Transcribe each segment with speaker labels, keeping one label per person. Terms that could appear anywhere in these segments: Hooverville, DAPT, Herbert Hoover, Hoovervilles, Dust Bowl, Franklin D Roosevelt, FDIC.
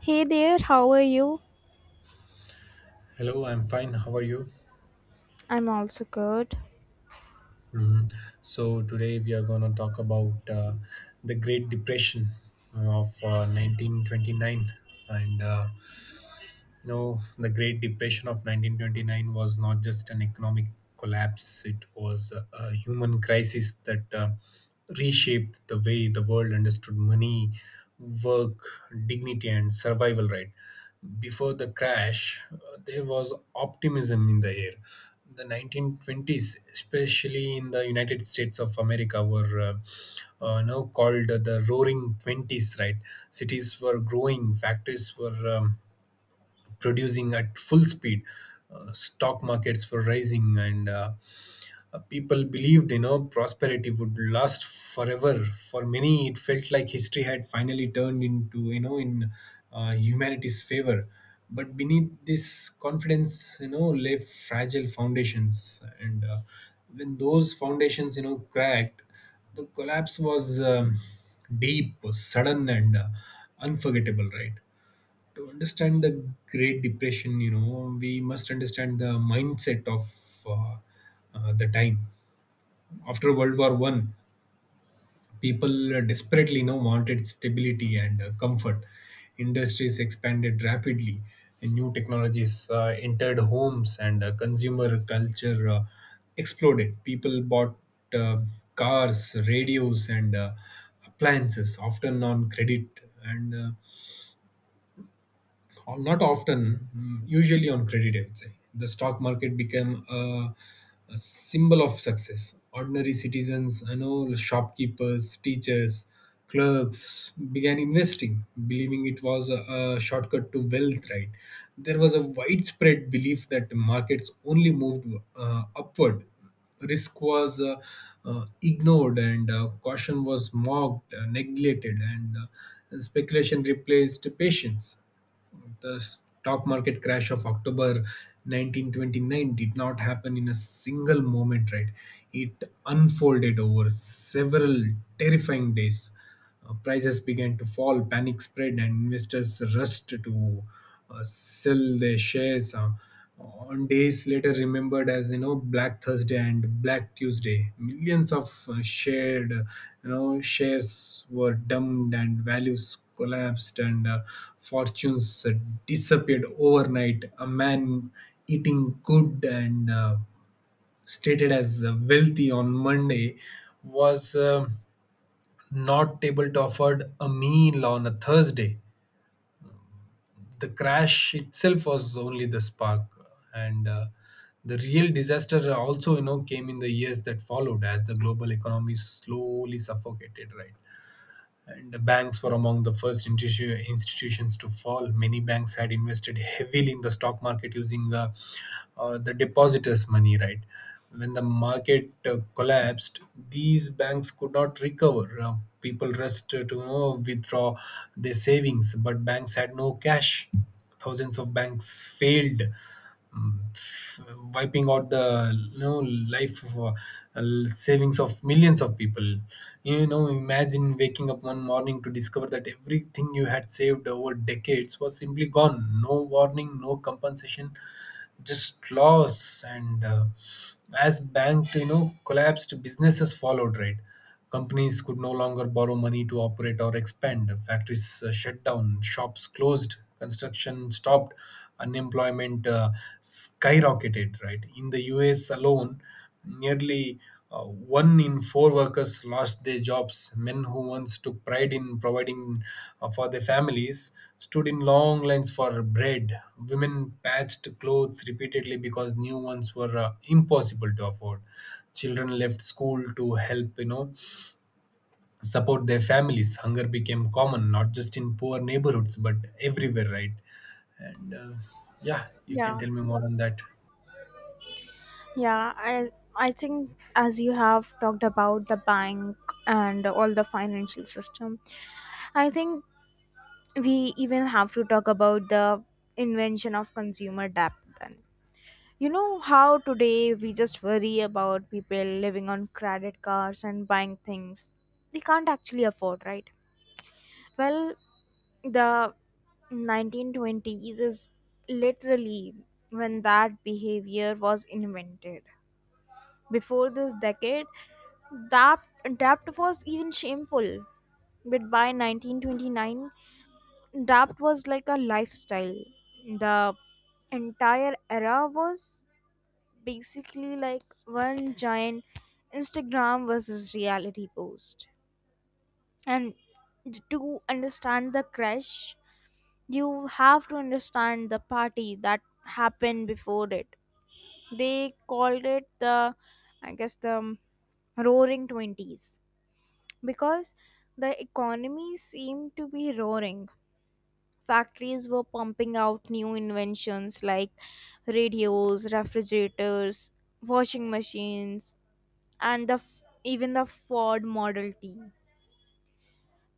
Speaker 1: Hey there, how are you?
Speaker 2: Hello, I'm fine. How are you?
Speaker 1: I'm also good.
Speaker 2: Mhm. So today we are going to talk about the Great Depression of 1929, and the great depression of 1929 was not just an economic collapse. It was a human crisis that reshaped the way the world understood money, work, dignity, and survival, right? Before the crash, there was optimism in the air. The 1920s, especially in the united states of america, were now called the roaring 20s, right? Cities were growing, factories were producing at full speed. Stock markets were rising, and people believed, prosperity would last forever. For many, it felt like history had finally turned into, you know, in humanity's favor. But beneath this confidence, lay fragile foundations, and when those foundations, cracked, the collapse was deep, sudden, and unforgettable, right? To understand the great depression, we must understand the mindset of uh, the time. After world war 1, people desperately, wanted stability and comfort. Industries expanded rapidly, and new technologies entered homes, and consumer culture exploded. People bought uh, cars, radios, and appliances, often on credit. And Or not often, mm, usually on credit, I would say. The stock market became a symbol of success. Ordinary citizens, I know, shopkeepers, teachers, clerks began investing, believing it was a shortcut to wealth, right? There was a widespread belief that markets only moved upward. Risk was ignored, and caution was mocked, neglected, and speculation replaced patience. The stock market crash of October 1929 did not happen in a single moment, right? It unfolded over several terrifying days. Prices began to fall, panic spread, and investors rushed to sell their shares. On days later remembered as, black thursday and black tuesday, millions of shared you know shares were dumped, and values collapsed, and fortunes disappeared overnight. A man eating good and, stated as wealthy on monday, was not able to afford a meal on a thursday. The crash itself was only the spark, and the real disaster also, came in the years that followed as the global economy slowly suffocated, right? And banks were among the first institutions to fall. Many banks had invested heavily in the stock market using the depositors' money, right? When the market collapsed, these banks could not recover. People rushed to, withdraw their savings, but banks had no cash. Thousands of banks failed, mm, f- wiping out the, you know life of, uh, savings of millions of people. Imagine waking up one morning to discover that everything you had saved over decades was simply gone. No warning, no compensation, just loss. And As bank, collapsed, businesses followed, right? Companies could no longer borrow money to operate or expand. Factories shut down, shops closed, construction stopped. Unemployment skyrocketed, right? In the us alone, nearly one in four workers lost their jobs. Men who once took pride in providing for their families stood in long lines for bread. Women patched clothes repeatedly because new ones were impossible to afford. Children left school to help, support their families. Hunger became common, not just in poor neighborhoods, but everywhere, right? And Yeah, you can
Speaker 1: Yeah,
Speaker 2: tell me more on that.
Speaker 1: yeah. I think as you have talked about the bank and all the financial system, I think we even have to talk about the invention of consumer debt then. You know how today we just worry about people living on credit cards and buying things they can't actually afford, right? Well, the 1920s is literally when that behavior was invented. Before this decade, DAPT, DAPT was even shameful. But by 1929, DAPT was like a lifestyle. The entire era was basically like one giant Instagram versus reality post. And to understand the crash, you have to understand the party that happened before it. They called it the, I guess, the roaring 20s because the economy seemed to be roaring. Factories were pumping out new inventions like radios, refrigerators, washing machines, and even the Ford Model T.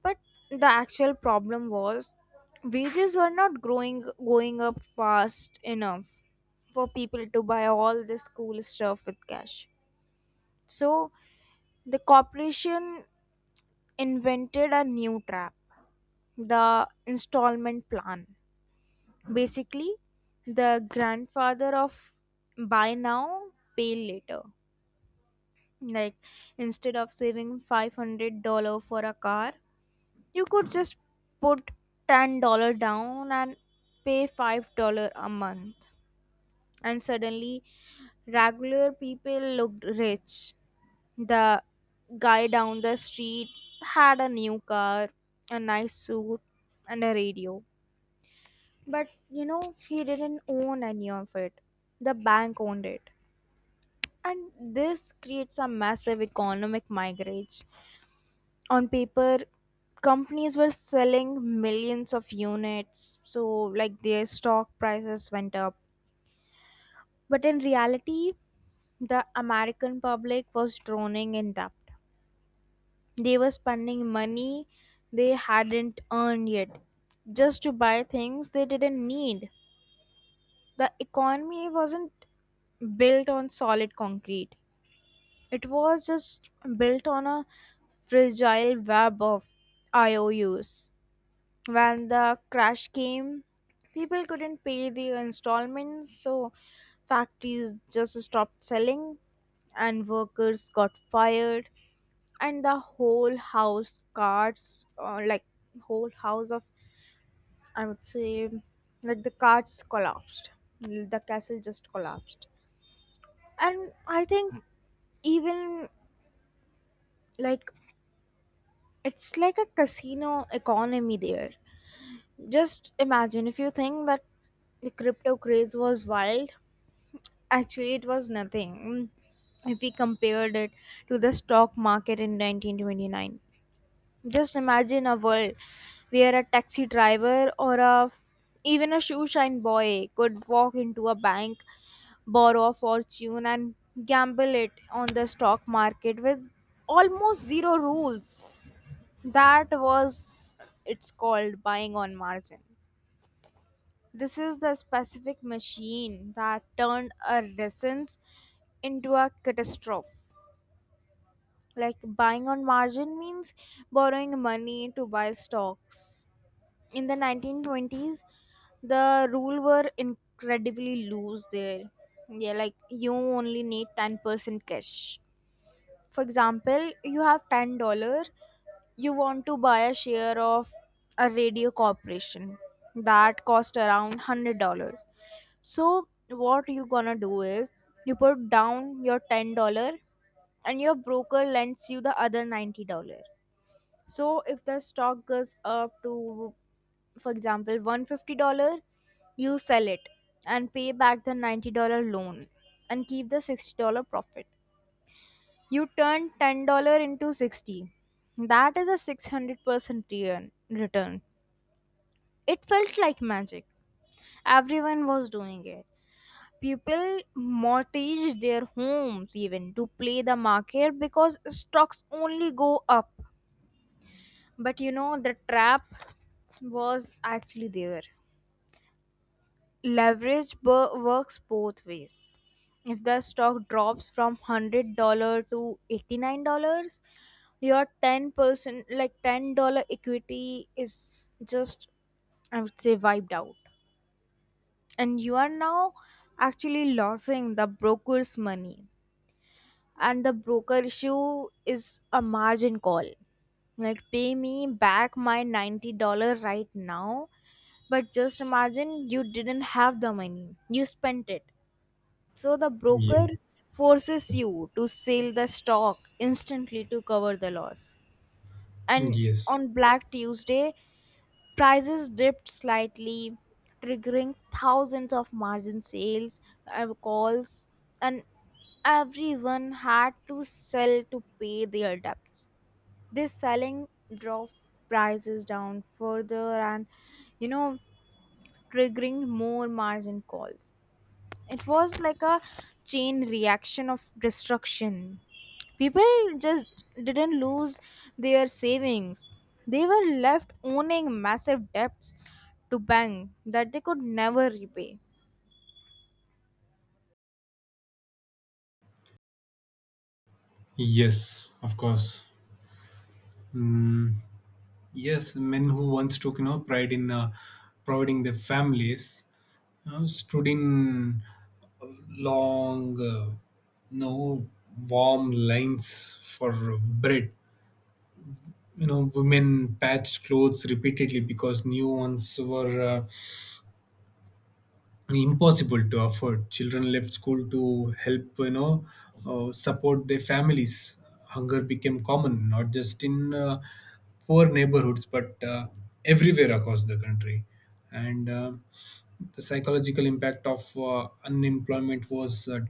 Speaker 1: But the actual problem was wages were not growing, going up fast enough for people to buy all this cool stuff with cash. So the corporation invented a new trap, the installment plan, basically the grandfather of buy now, pay later. Like, instead of saving $500 for a car, you could just put $10 down and pay $5 a month. And suddenly, regular people looked rich. The guy down the street had a new car, a nice suit, and a radio. But you know, he didn't own any of it. The bank owned it. And this creates a massive economic migrate. On paper, companies were selling millions of units, so like their stock prices went up. But in reality, the American public was drowning in debt. They were spending money they hadn't earned yet just to buy things they didn't need. The economy wasn't built on solid concrete, it was just built on a fragile web of IOUs. When the crash came, people couldn't pay the installments, so factories just stopped selling and workers got fired. And the whole house cards, like, whole house of, I would say, like the cards collapsed. The castle just collapsed. And I think, even, like, it's like a casino economy there. Just imagine, if you think that the crypto craze was wild, actually, it was nothing if we compared it to the stock market in 1929. Just imagine a world where a taxi driver or a, even a shoe shine boy could walk into a bank, borrow a fortune, and gamble it on the stock market with almost zero rules. That was, it's called buying on margin. This is the specific machine that turned a renaissance into a catastrophe. Like, buying on margin means borrowing money to buy stocks. In the 1920s, the rule were incredibly loose there. Yeah, like you only need 10% cash. For example, you have $10, you want to buy a share of a radio corporation that cost around $100. So what you gonna do is you put down your $10 and your broker lends you the other $90. So if the stock goes up to, for example, $150, you sell it and pay back the $90 loan and keep the $60 profit. You turn $10 into 60. That is a 600% return. It felt like magic. Everyone was doing it. People mortgaged their homes even to play the market because stocks only go up. But you know, the trap was actually there. Leverage works both ways. If the stock drops from $100 to $89, your 10%, like $10 equity, is just, I would say, wiped out. And you are now actually losing the broker's money. And the broker issue is a margin call, like, pay me back my $90 right now. But just imagine, you didn't have the money, you spent it. So the broker
Speaker 2: Yeah.
Speaker 1: forces you to sell the stock instantly to cover the loss. And
Speaker 2: Yes.
Speaker 1: on Black Tuesday, prices dipped slightly, triggering thousands of margin sales, calls, and everyone had to sell to pay their debts. This selling drove prices down further and, you know, triggering more margin calls. It was like a chain reaction of destruction. People just didn't lose their savings, they were left owning massive debts to bank that they could never repay.
Speaker 2: Yes, of course. Mm, yes, men who once took, pride in providing their families, stood in long, no warm lines for bread. You know, women patched clothes repeatedly because new ones were impossible to afford. Children left school to help, support their families. Hunger became common, not just in poor neighborhoods, but everywhere across the country. And The psychological impact of unemployment was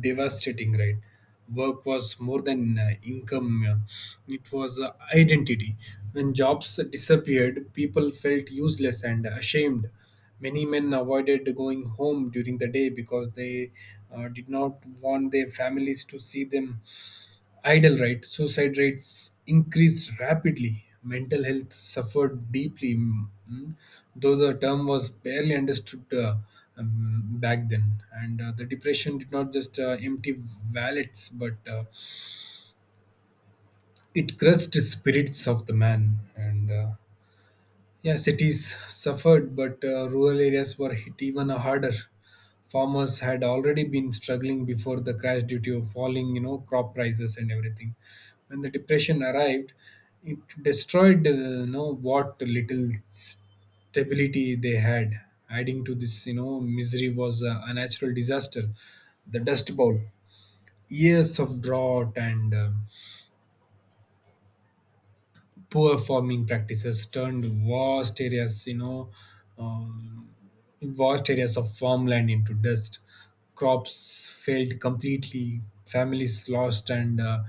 Speaker 2: devastating, right? Work was more than income, it was identity. When jobs disappeared, people felt useless and ashamed. Many men avoided going home during the day because they did not want their families to see them idle, right? Suicide rates increased rapidly. Mental health suffered deeply, though the term was barely understood back then. And The depression did not just empty wallets, but it crushed spirits of the man. And Yeah, cities suffered, but rural areas were hit even harder. Farmers had already been struggling before the crash due to falling, crop prices and everything. When the depression arrived, it destroyed, what little stability they had. Adding to this, misery was a natural disaster, the Dust Bowl. Years of drought and poor farming practices turned vast areas, um, vast areas of farmland into dust. Crops failed completely, families lost, and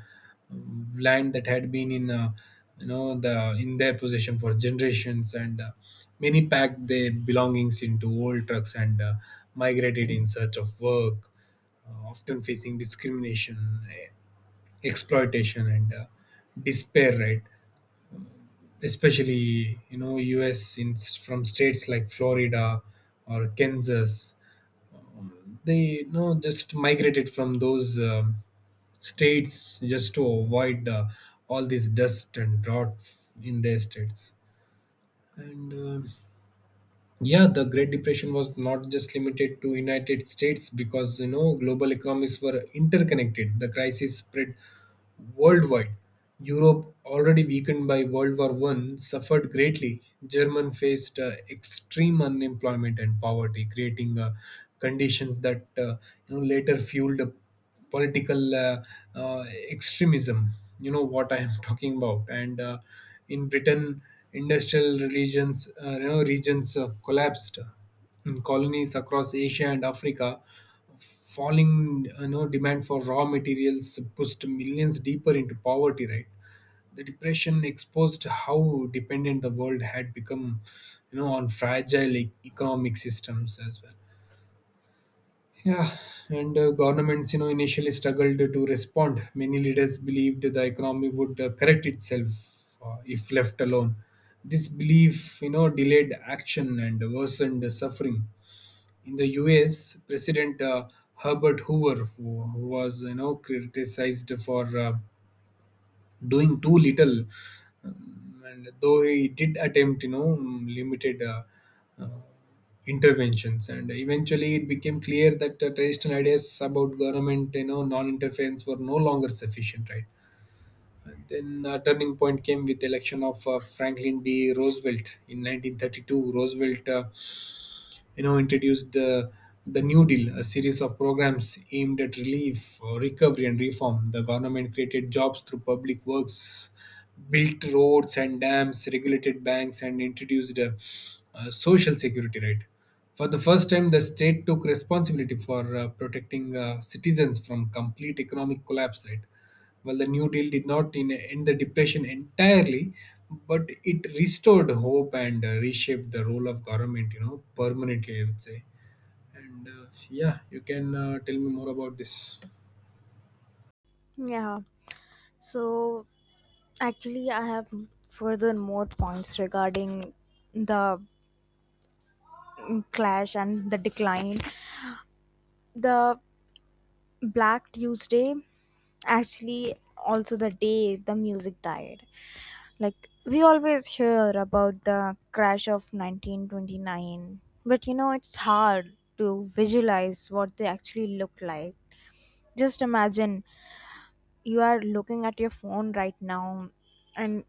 Speaker 2: land that had been in, you know, the in their possession for generations, and many packed their belongings into old trucks, and migrated in search of work, often facing discrimination, exploitation, and despair, right? Especially, us in, from states like florida or kansas, they, just migrated from those states just to avoid all this dust and drought in their states. And Yeah, the great depression was not just limited to united states because, global economies were interconnected. The crisis spread worldwide. Europe, already weakened by World War One, suffered greatly. German faced extreme unemployment and poverty, creating conditions that, later fueled political extremism. You know what I am talking about. And In Britain, industrial regions collapsed. In colonies across Asia and Africa, falling, demand for raw materials pushed millions deeper into poverty, right? The depression exposed how dependent the world had become, on fragile economic systems as well. Yeah. and Governments, initially struggled to respond. Many leaders believed the economy would correct itself if left alone. This belief, delayed action and worsened suffering. In the U.S., President Herbert Hoover, who was, criticized for doing too little, and though he did attempt, limited uh, interventions, and eventually it became clear that traditional ideas about government, non-interference, were no longer sufficient, right? And then a turning point came with the election of franklin d roosevelt in 1932. Roosevelt, introduced the New Deal, a series of programs aimed at relief, recovery, and reform. The government created jobs through public works, built roads and dams, regulated banks, and introduced social security. Right, for the first time, the state took responsibility for protecting citizens from complete economic collapse. Right, well, the New Deal did not end the depression entirely, but it restored hope, and reshaped the role of government, permanently, I would say. And Yeah, you can tell me more about this.
Speaker 1: Yeah, so actually I have further more points regarding the, mm, clash and the decline. The Black Tuesday, actually, also the day the music died. Like, we always hear about the crash of 1929, but you know, it's hard to visualize what they actually look like. Just imagine you are looking at your phone right now and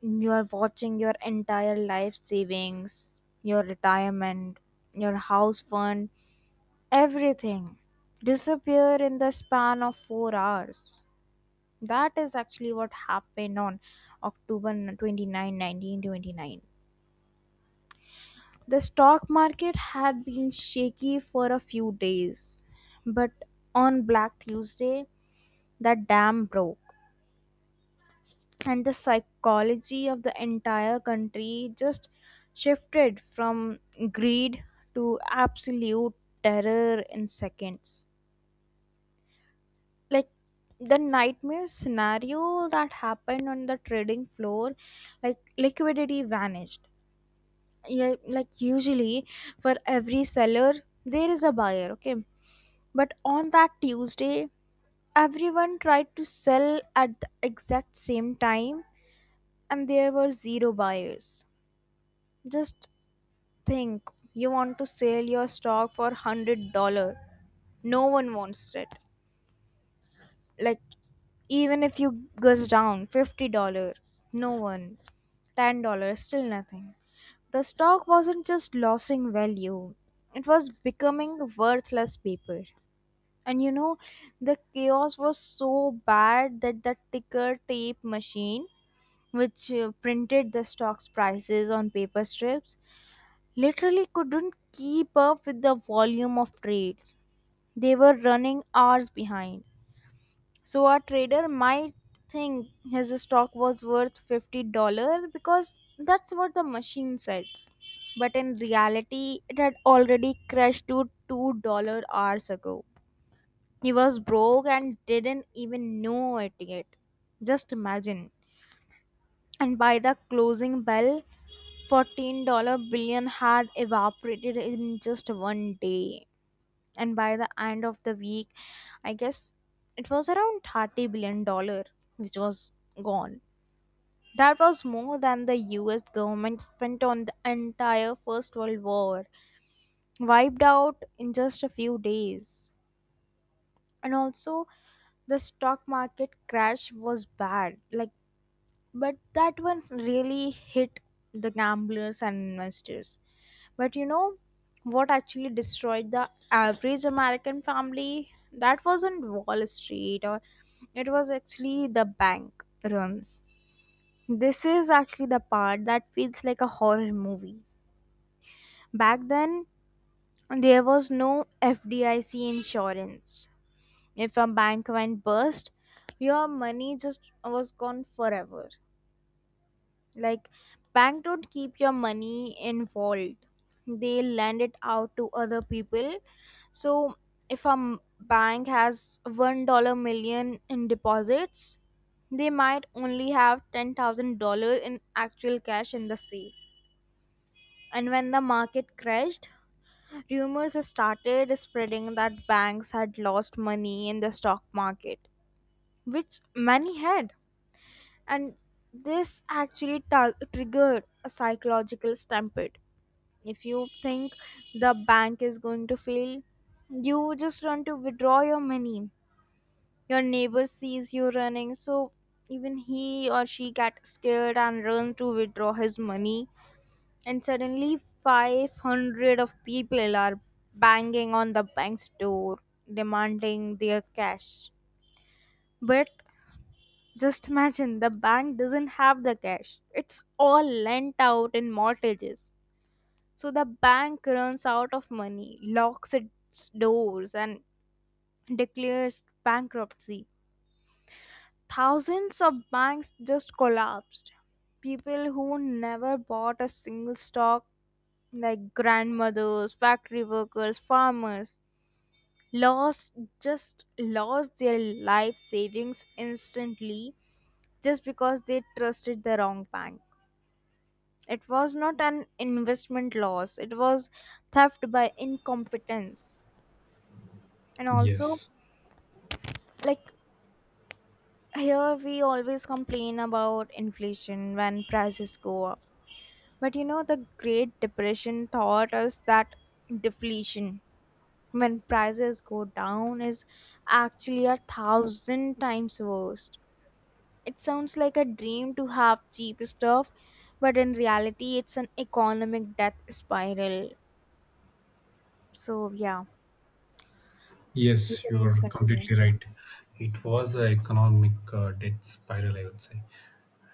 Speaker 1: you are watching your entire life savings, your retirement, your house fund, everything disappear in the span of 4 hours. That is actually what happened on October twenty-ninth, nineteen 29, 1929. The stock market had been shaky for a few days, but on Black Tuesday, the dam broke, and the psychology of the entire country just shifted from greed to absolute terror in seconds. Like, the nightmare scenario that happened on the trading floor, like liquidity vanished. Yeah, like usually for every seller there is a buyer, okay? But on that Tuesday, everyone tried to sell at the exact same time and there were zero buyers. Just think, you want to sell your stock for $100, no one wants it. Like, even if you goes down $50, no one, ten dollar, still nothing. The stock wasn't just losing value, it was becoming worthless paper. And you know, the chaos was so bad that the ticker tape machine, which printed the stock's prices on paper strips, literally couldn't keep up with the volume of trades. They were running hours behind. So a trader might think his stock was worth $50 because that's what the machine said, but in reality, it had already crashed to $2 hours ago. He was broke and didn't even know it yet. Just imagine. And by the closing bell, $14 billion had evaporated in just one day. And by the end of the week, I guess it was around $30 billion, dollar, which was gone. That was more than the US government spent on the entire First World War, wiped out in just a few days. And also, the stock market crash was bad. Like, but that one really hit the gamblers and investors. But you know what actually destroyed the average American family? That wasn't Wall Street, or it was actually the bank runs. This is actually the part that feels like a horror movie. Back then, there was no FDIC insurance. If a bank went bust, your money just was gone forever. Like, bank don't keep your money in vault. They lend it out to other people. So, if a bank has $1 million in deposits, they might only have $10,000 in actual cash in the safe. And when the market crashed, rumors started spreading that banks had lost money in the stock market, which many had. And this actually triggered a psychological stampede. If you think the bank is going to fail, you just run to withdraw your money. Your neighbor sees you running, so even he or she get scared and run to withdraw his money. And suddenly, 500 of people are banging on the bank's door demanding their cash. But just imagine, the bank doesn't have the cash. It's all lent out in mortgages. So the bank runs out of money, locks its doors, and declares bankruptcy. Thousands of banks just collapsed. People who never bought a single stock, like grandmothers, factory workers, farmers, lost, just lost their life savings instantly just because they trusted the wrong bank. It was not an investment loss, it was theft by incompetence. And also,
Speaker 2: Yes,
Speaker 1: like, here, we always complain about inflation when prices go up. But you know, the Great Depression taught us that deflation, when prices go down, is actually a thousand times worse. It sounds like a dream to have cheap stuff, but in reality, it's an economic death spiral. So, yeah. You
Speaker 2: yes, you
Speaker 1: can
Speaker 2: are
Speaker 1: continue.
Speaker 2: completely right. It was an economic death spiral, I would say.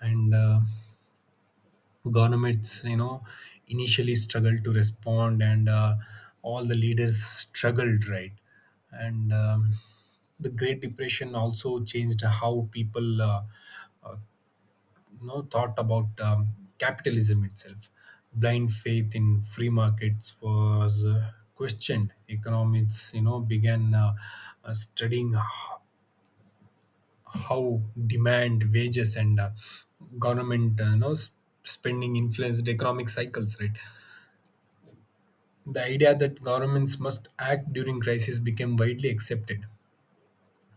Speaker 2: And Governments, initially struggled to respond, and all the leaders struggled, right? and The great depression also changed how people, thought about capitalism itself. Blind faith in free markets was questioned. Economists, began studying how demand, wages, and government, spending influenced economic cycles, right? The idea that governments must act during crisis became widely accepted.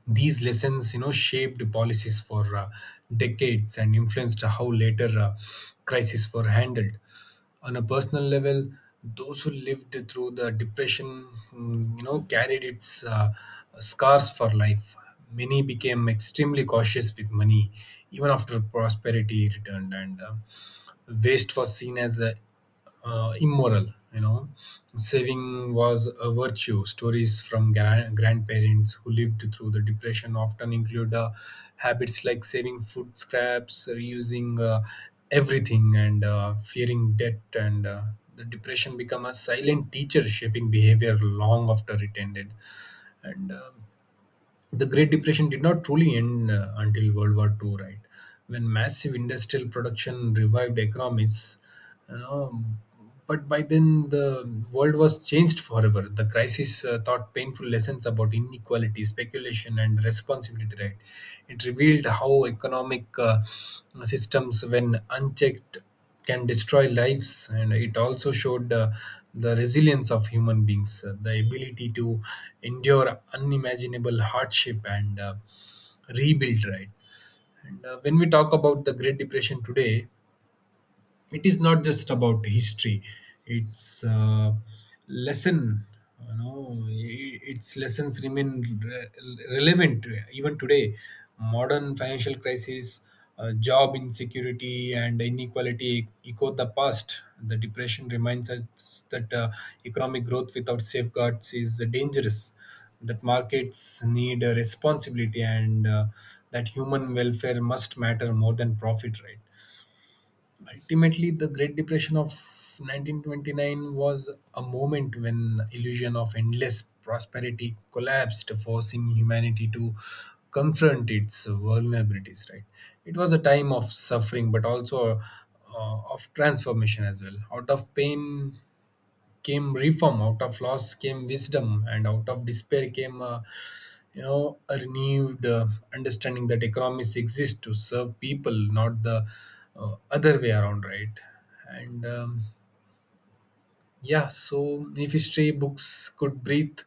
Speaker 2: These lessons, shaped policies for decades and influenced how later crises were handled. On a personal level, those who lived through the depression, carried its scars for life. Many became extremely cautious with money, even after prosperity returned, and waste was seen as a immoral. Saving was a virtue. Stories from grandparents who lived through the depression often include habits like saving food scraps, reusing everything, and fearing debt. And The depression become a silent teacher, shaping behavior long after it ended. And The Great Depression did not truly end until World War II, right? When massive industrial production revived economies, you know. But by then, the world was changed forever. The crisis taught painful lessons about inequality, speculation, and responsibility, right? It revealed how economic systems, when unchecked, can destroy lives, and it also showed the resilience of human beings, the ability to endure unimaginable hardship and rebuild, right? and When we talk about the great depression today, it is not just about history. It's lesson you know I- its lessons remain re- relevant even today. Modern financial crisis, job insecurity, and inequality echo the past. The depression reminds us that economic growth without safeguards is dangerous, that markets need a responsibility, and that human welfare must matter more than profit, right? Ultimately, the Great Depression of 1929 was a moment when the illusion of endless prosperity collapsed, forcing humanity to confront its vulnerabilities. Right, it was a time of suffering, but also of transformation as well. Out of pain came reform, out of loss came wisdom, and out of despair came, a renewed understanding that economies exist to serve people, not the other way around, right? and Yeah, so if history books could breathe,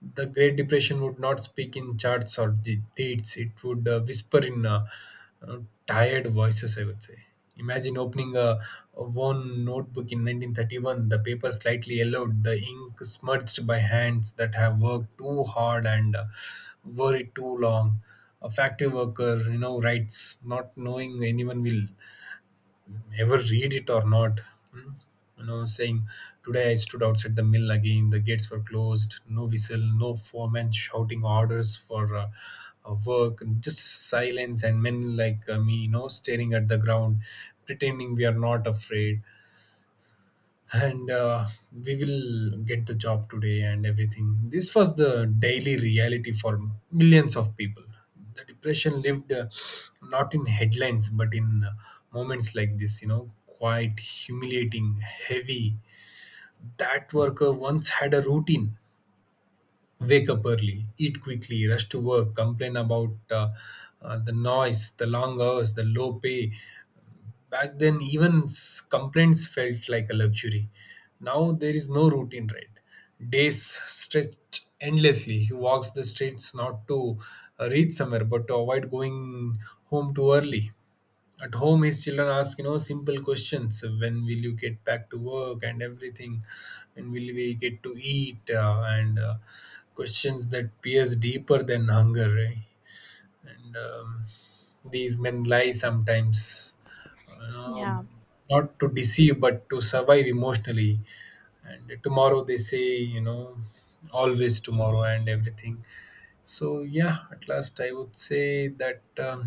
Speaker 2: the Great Depression would not speak in charts or dates. It would whisper in uh, tired voices, I would say. Imagine opening a worn notebook in 1931, the paper slightly yellowed, the ink smudged by hands that have worked too hard and worried too long. A factory worker, writes, not knowing anyone will ever read it or not. Hmm? You know, saying, today I stood outside the mill again. The gates were closed. No whistle, no foreman shouting orders for work, just silence, and men like, me, staring at the ground, pretending we are not afraid, and we will get the job today and everything. This was the daily reality for millions of people. The depression lived not in headlines but in moments like this, quite humiliating, heavy. That worker once had a routine: wake up early, eat quickly, rush to work, complain about the noise, the long hours, the low pay. Back then, even complaints felt like a luxury. Now there is no routine, right? Days stretch endlessly. He walks the streets not to reach somewhere, but to avoid going home too early. At home, his children ask, simple questions. When will you get back to work and everything? When will we get to eat? And Questions that pierce deeper than hunger. Eh? And These men lie sometimes, you know,
Speaker 1: Yeah,
Speaker 2: not to deceive but to survive emotionally. And tomorrow they say, always tomorrow and everything. So yeah, at last I would say that,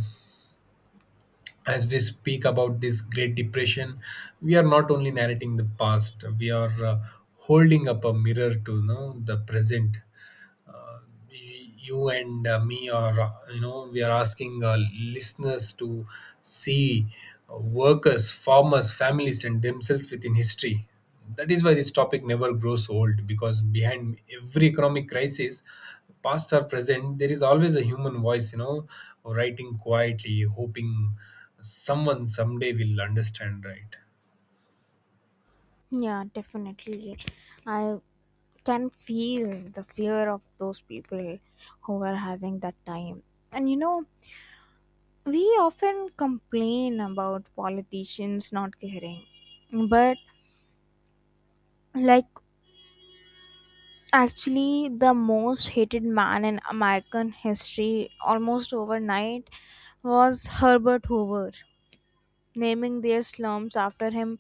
Speaker 2: as we speak about this great depression, we are not only narrating the past, we are holding up a mirror to, the present. uh, you and me are, we are asking listeners to see uh, workers, farmers, families, and themselves within history. That is why this topic never grows old, because behind every economic crisis, past or present, there is always a human voice, writing quietly, hoping someone someday will understand, right?
Speaker 1: yeah, definitely. I can feel the fear of those people who are having that time. And you know, we often complain about politicians not caring. But, like, actually, the most hated man in American history almost overnight was Herbert Hoover, naming their slums after him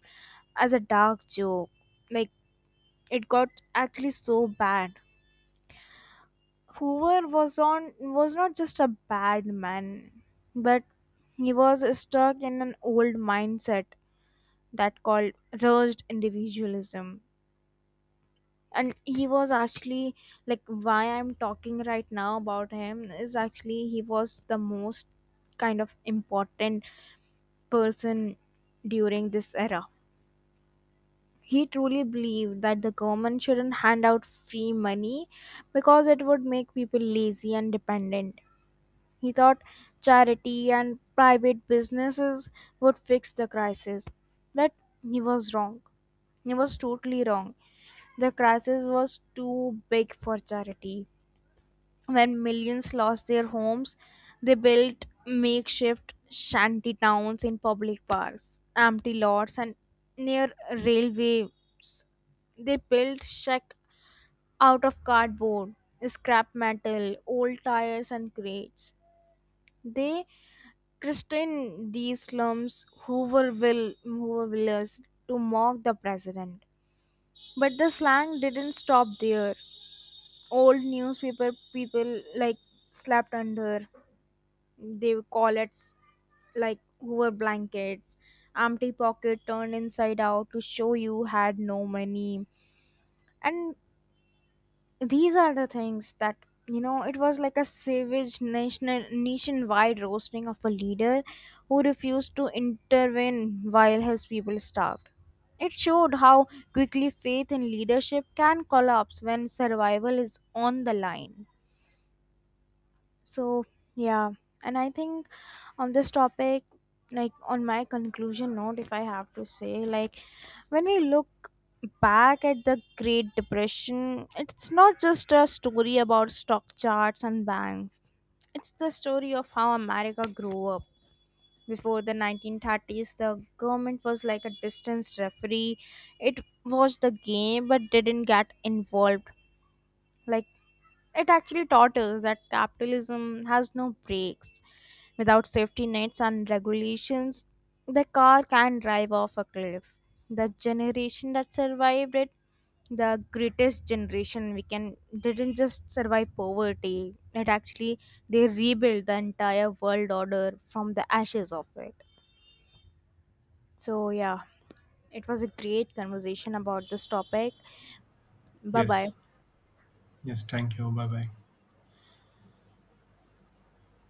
Speaker 1: as a dark joke. Like, it got actually so bad. Hoover was not just a bad man, but he was stuck in an old mindset that called rushed individualism. And he was actually, like, why I'm talking right now about him is actually he was the most kind of important person during this era. He truly believed that the government shouldn't hand out free money because it would make people lazy and dependent. He thought charity and private businesses would fix the crisis. But he was wrong. He was totally wrong. The crisis was too big for charity. When millions lost their homes, they built makeshift shanty towns in public parks, empty lots, and near railway. They built shack out of cardboard, scrap metal, old tires, and crates. They christened these slums Hooverville, Hoovervilles, to mock the president. But the slang didn't stop there. Old newspaper people like slept under. They call it like Hoover blankets, empty pocket turned inside out to show you had no money. And these are the things that, you know, it was like a savage national nationwide roasting of a leader who refused to intervene while his people starved. It showed how quickly faith in leadership can collapse when survival is on the line. So, yeah. And I think on this topic, like, on my conclusion note, if I have to say, like, when we look back at the Great Depression, it's not just a story about stock charts and banks. It's the story of how America grew up. Before the 1930s, the government was like a distance referee. It watched the game but didn't get involved. Like, it actually taught us that capitalism has no brakes. Without safety nets and regulations, the car can drive off a cliff. The generation that survived it, the greatest generation we can, didn't just survive poverty. It actually, they rebuilt the entire world order from the ashes of it. So yeah, it was a great conversation about this topic. Bye
Speaker 2: Yes.
Speaker 1: bye.
Speaker 2: Yes. Thank you. Bye bye.